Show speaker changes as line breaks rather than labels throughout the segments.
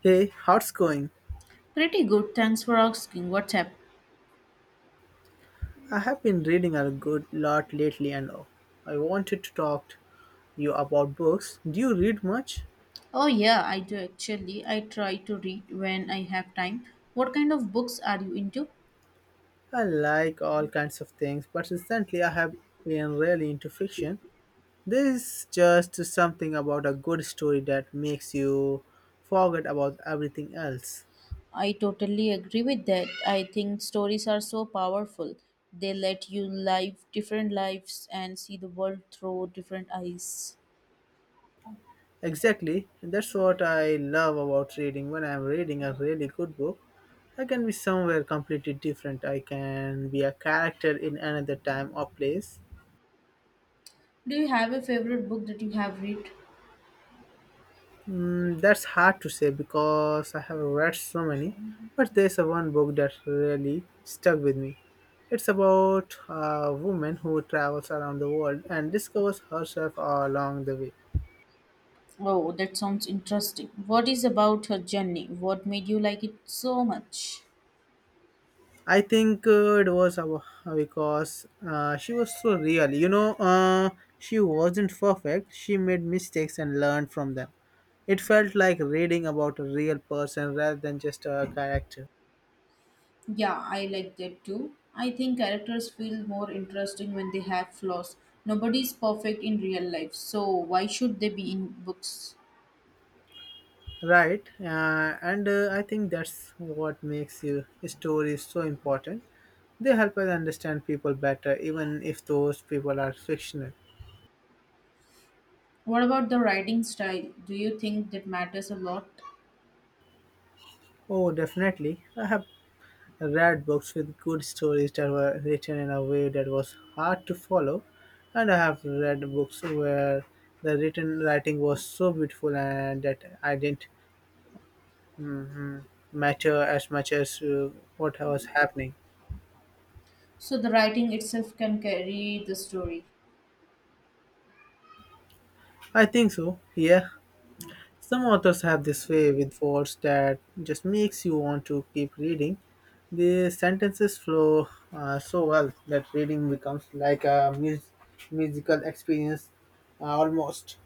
Hey, how's going?
Pretty good, thanks for asking. What's up?
I have been reading a good lot lately and I wanted to talk to you about books. Do you read much?
Oh, yeah, I do actually. I try to read when I have time. What kind of books are you into?
I like all kinds of things, but recently I have been really into fiction. There is just something about a good story that makes you forget about everything else.
I totally agree with that. I think stories are so powerful. They let you live different lives and see the world through different eyes.
Exactly, that's what I love about reading. When I'm reading a really good book, I can be somewhere completely different. I can be a character in another time or place.
Do you have a favorite book that you have read?
Mm, that's hard to say because I have read so many, but there's a one book that really stuck with me. It's about a woman who travels around the world and discovers herself along the way.
Oh, that sounds interesting. What is about her journey? What made you like it so much?
I think because she was so real. She wasn't perfect. She made mistakes and learned from them. It felt like reading about a real person rather than just a character.
Yeah, I like that too. I think characters feel more interesting when they have flaws. Nobody's perfect in real life, so why should they be in books?
Right, and I think that's what makes stories so important. They help us understand people better, even if those people are fictional.
What about the writing style? Do you think that matters a lot?
Oh, definitely. I have read books with good stories that were written in a way that was hard to follow, and I have read books where the written writing was so beautiful and that I didn't mm matter as much as what was happening.
So the writing itself can carry the story.
I think so. Yeah, some authors have this way with words that just makes you want to keep reading. The sentences flow so well that reading becomes like a musical experience almost.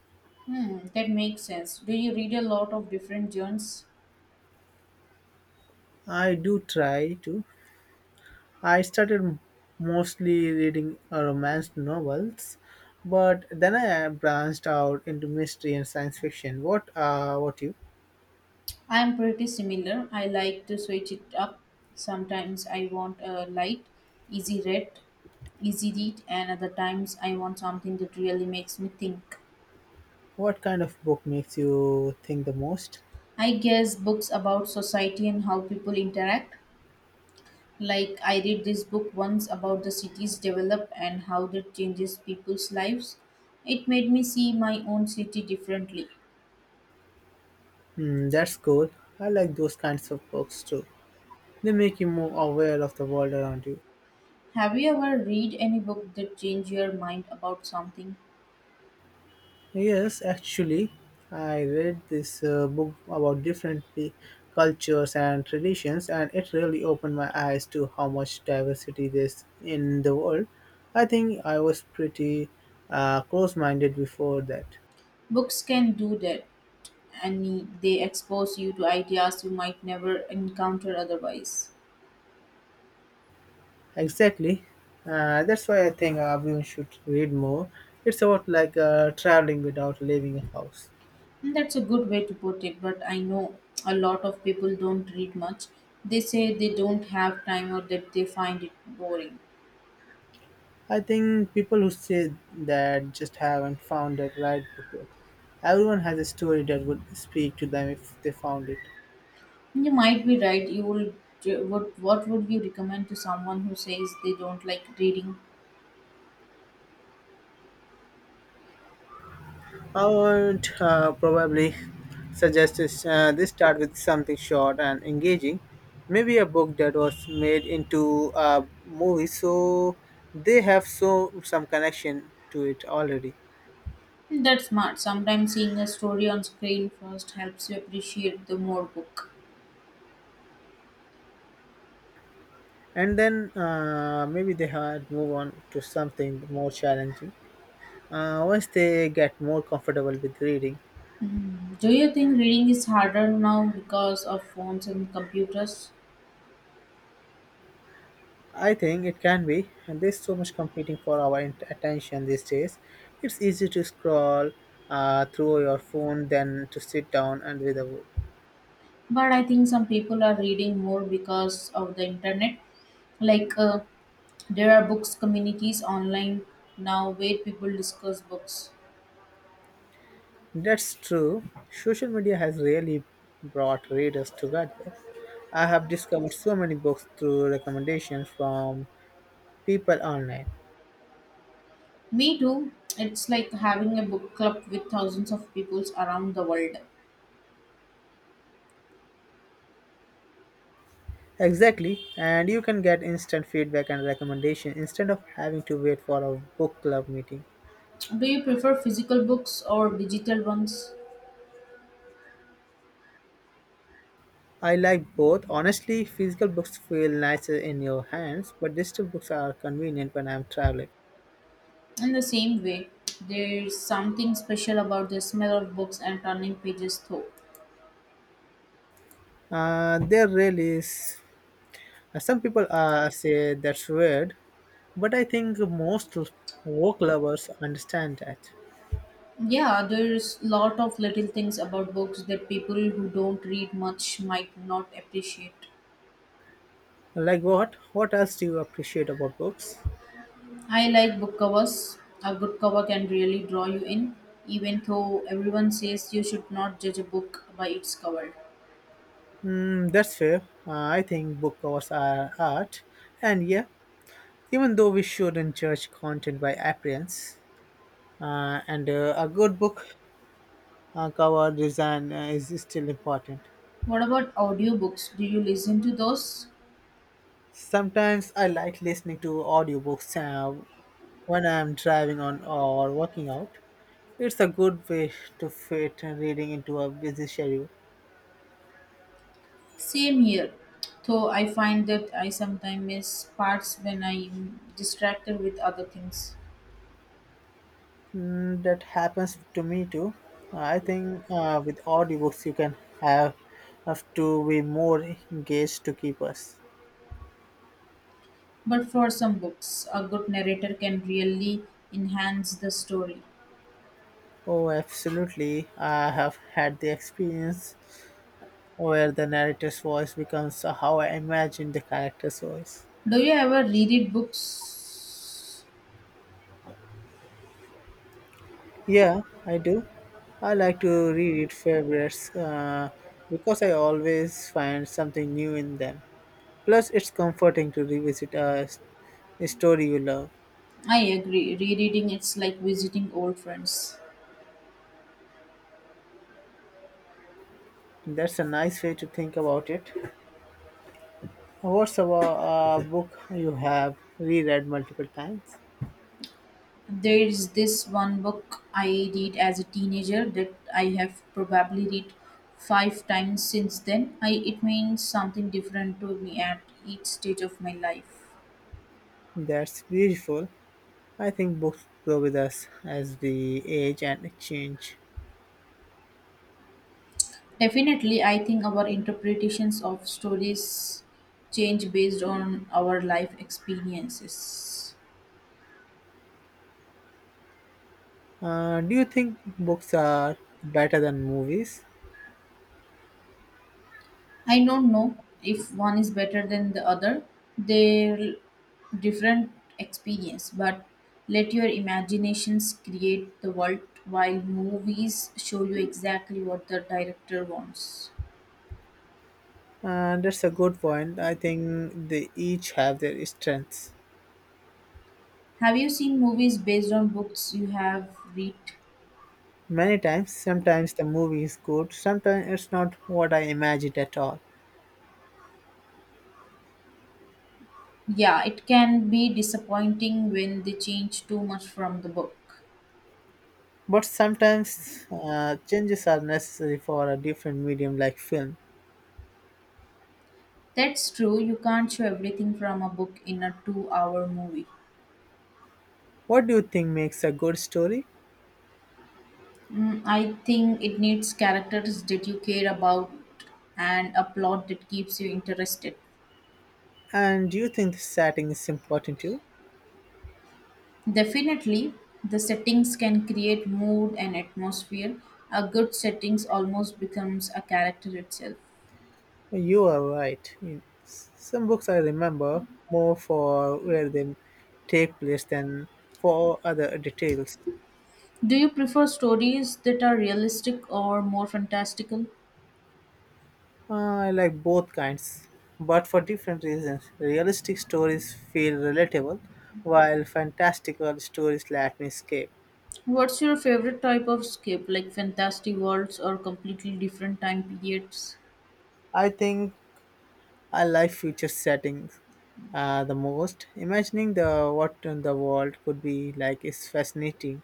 Hmm, that makes sense. Do you read a lot of different genres?
I do try to. I started mostly reading romance novels, but then I branched out into mystery and science fiction. What you?
I'm pretty similar. I like to switch it up. Sometimes I want a light, easy read, easy read, and other times I want something that really makes me think.
What kind of book makes you think the most?
I guess books about society and how people interact. Like I read this book once about the cities develop and how that changes people's lives. It made me see my own city differently.
Hmm, that's cool. I like those kinds of books too. They make you more aware of the world around you.
Have you ever read any book that changed your mind about something?
Yes, actually, I read this book about cultures and traditions, and it really opened my eyes to how much diversity there's in the world. I think I was pretty close minded before that.
Books can do that, and they expose you to ideas you might never encounter otherwise.
Exactly. That's why I think everyone should read more. It's about like traveling without leaving a house.
And that's a good way to put it, but I know a lot of people don't read much. They say they don't have time or that they find it boring.
I think people who say that just haven't found the right book yet. Everyone has a story that would speak to them if they found it.
You might be right. You will would what would you recommend to someone who says they don't like reading?
I would probably suggest this, they start with something short and engaging. Maybe a book that was made into a movie, so they have some connection to it already.
That's smart. Sometimes seeing a story on screen first helps you appreciate the more book.
And then maybe they had move on to something more challenging. Once they get more comfortable with reading,
Do you think reading is harder now because of phones and computers?
I think it can be, and there's so much competing for our attention these days. It's easy to scroll through your phone than to sit down and read a book.
But I think some people are reading more because of the internet, like there are books communities online now where people discuss books.
That's true. Social media has really brought readers together. I have discovered so many books through recommendations from people online.
Me too. It's like having a book club with thousands of people around the world.
Exactly, and you can get instant feedback and recommendation instead of having to wait for a book club meeting.
Do you prefer physical books or digital ones?
I like both. Honestly, physical books feel nicer in your hands, but digital books are convenient when I'm traveling.
In the same way, there's something special about the smell of books and turning pages through.
There really is. Some people say that's weird, but I think most work lovers understand that.
Yeah, there's lot of little things about books that people who don't read much might not appreciate.
Like what? What else do you appreciate about books?
I like book covers. A good cover can really draw you in, even though everyone says you should not judge a book by its cover.
Mm, that's fair. I think book covers are art, and yeah, even though we shouldn't judge content by appearance, and a good book cover design is still important.
What about audiobooks? Do you listen to those?
Sometimes I like listening to audiobooks when I'm driving on or working out. It's a good way to fit reading into a busy schedule.
Same here. Though I find that I sometimes miss parts when I'm distracted with other things.
Mm, that happens to me too. I think with audiobooks you can have to be more engaged to keep us.
But for some books, a good narrator can really enhance the story.
Oh, absolutely. I have had the experience where the narrator's voice becomes how I imagine the character's voice.
Do you ever reread books?
Yeah, I do. I like to reread favorites because I always find something new in them. Plus, it's comforting to revisit a story you love.
I agree. Rereading it's like visiting old friends.
That's a nice way to think about it. What's a book you have reread multiple times?
There's this one book I read as a teenager that I have probably read five times since then. I, it means something different to me at each stage of my life.
That's beautiful. I think books grow with us as we age and change.
Definitely, I think our interpretations of stories change based on our life experiences.
Do you think books are better than movies?
I don't know if one is better than the other. They're different experience, but let your imaginations create the world while movies show you exactly what the director wants.
That's a good point. I think they each have their strengths.
Have you seen movies based on books you have read?
Many times, sometimes the movie is good, sometimes it's not what I imagined at all.
Yeah, it can be disappointing when they change too much from the book.
But sometimes changes are necessary for a different medium like film.
That's true, you can't show everything from a book in a 2-hour movie.
What do you think makes a good story?
Mm, I think it needs characters that you care about and a plot that keeps you interested.
And do you think the setting is important too?
Definitely, the settings can create mood and atmosphere. A good settings almost becomes a character itself.
You are right. In some books I remember more for where they take place than for other details.
Do you prefer stories that are realistic or more fantastical?
I like both kinds, but for different reasons. Realistic stories feel relatable, while fantastical stories let me escape.
What's your favorite type of escape, like fantasy worlds or completely different time periods?
I think I like future settings the most. Imagining the what the world could be like is fascinating.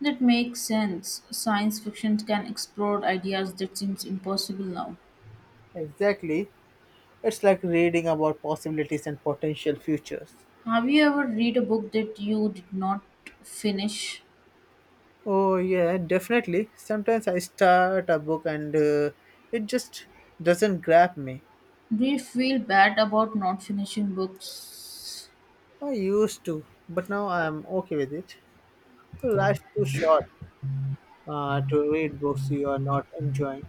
That makes sense. Science fiction can explore ideas that seems impossible now.
Exactly, it's like reading about possibilities and potential futures.
Have you ever read a book that you did not finish?
Oh yeah, definitely. Sometimes I start a book and it just doesn't grab me.
Do you feel bad about not finishing books?
I used to, but now I'm okay with it. Life's too short to read books you are not enjoying.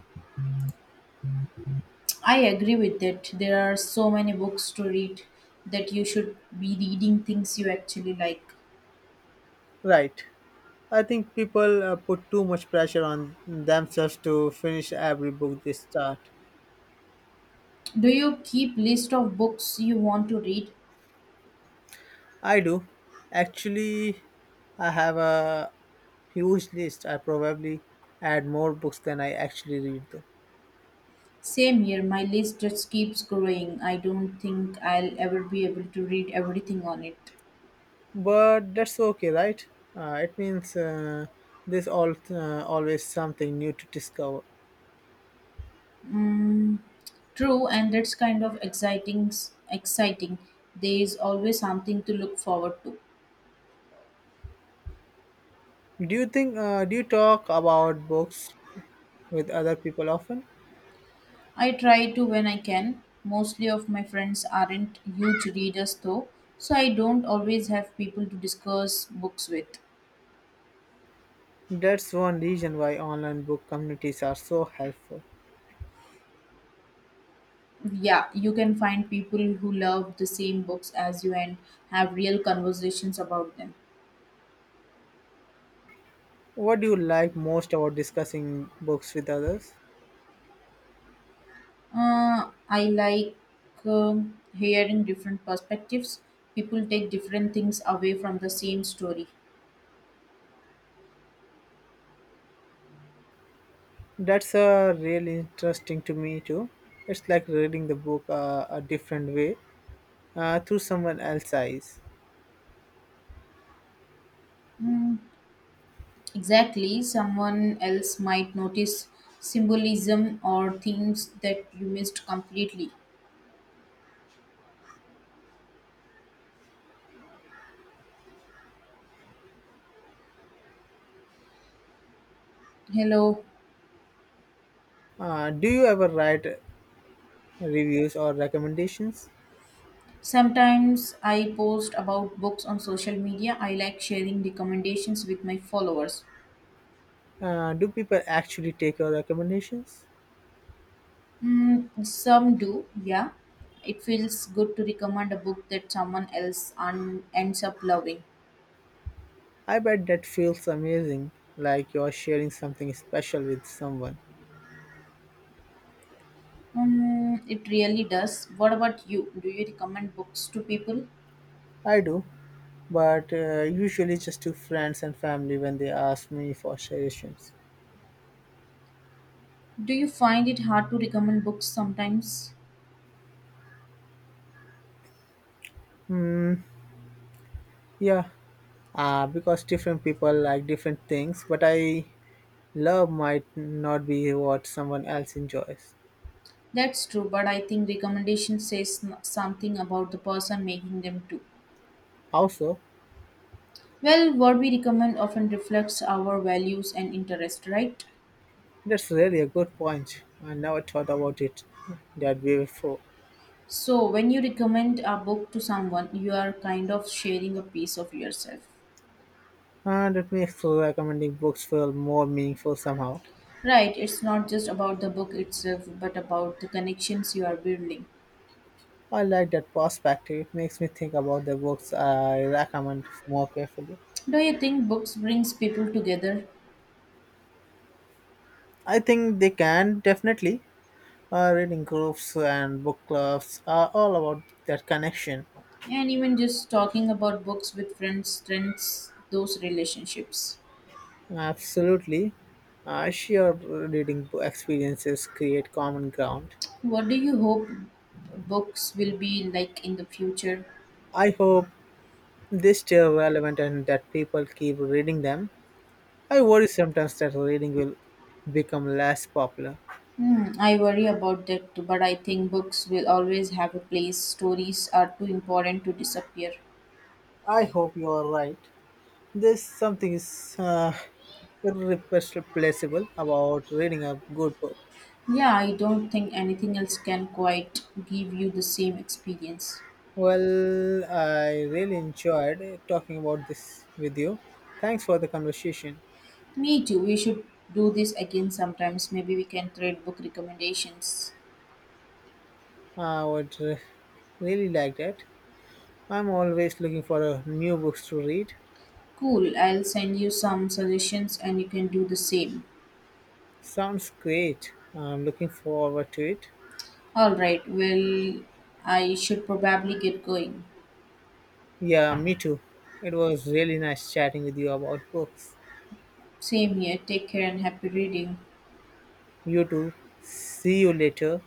I agree with that. There are so many books to read that you should be reading things you actually like.
Right. I think people put too much pressure on themselves to finish every book they start.
Do you keep list of books you want to read?
I do. Actually, I have a huge list. I probably add more books than I actually read, though.
Same here, my list just keeps growing. I don't think I'll ever be able to read everything on it.
But that's okay, right? It means there's always something new to discover.
Mm, true, and that's kind of exciting. Exciting. There is always something to look forward to.
Do you talk about books with other people often?
I try to when I can. Mostly of my friends aren't huge readers though, so I don't always have people to discuss books with.
That's one reason why online book communities are so helpful.
Yeah, you can find people who love the same books as you and have real conversations about them.
What do you like most about discussing books with others?
I like um hearing different perspectives. People take different things away from the same story.
That's really interesting to me too. It's like reading the book a different way through someone else's eyes.
Mm, exactly. Someone else might notice symbolism or themes that you missed completely. Hello.
Do you ever write reviews or recommendations?
Sometimes I post about books on social media. I like sharing recommendations with my followers.
Do people actually take your recommendations?
Mm, some do, yeah. It feels good to recommend a book that someone else ends up loving.
I bet that feels amazing, like you're sharing something special with someone.
It really does. What about you? Do you recommend books to people?
I do, but usually just to friends and family when they ask me for suggestions.
Do you find it hard to recommend books sometimes?
Yeah, because different people like different things, but I love might not be what someone else enjoys.
That's true, but I think recommendation says something about the person making them too.
Also,
Well, what we recommend often reflects our values and interest, right?
that's really a good point. I never thought about it that way before.
So, when you recommend a book to someone, you are kind of sharing a piece of yourself.
And it makes recommending books feel more meaningful somehow.
Right, it's not just about the book itself, but about the connections you are building.
I like that perspective. It makes me think about the books I recommend more carefully.
Do you think books brings people together?
I think they can definitely. Reading groups and book clubs are all about that connection.
And even just talking about books with friends strengthens those relationships.
Absolutely. Shared reading experiences create common ground.
What do you hope books will be like in the future?
I hope they stay relevant and that people keep reading them. I worry sometimes that reading will become less popular.
Hmm, I worry about that too, but I think books will always have a place. Stories are too important to disappear.
I hope you are right. There's something is irreplaceable about reading a good book.
Yeah, I don't think anything else can quite give you the same experience.
Well, I really enjoyed talking about this with you. Thanks for the conversation.
Me too. We should do this again sometimes. Maybe we can trade book recommendations.
I would really like that. I'm always looking for new books to read.
Cool. I'll send you some suggestions and you can do the same.
Sounds great. I'm looking forward to it.
All right. Well, I should probably get going.
Yeah, me too. It was really nice chatting with you about books.
Same here. Take care and happy reading.
You too. See you later.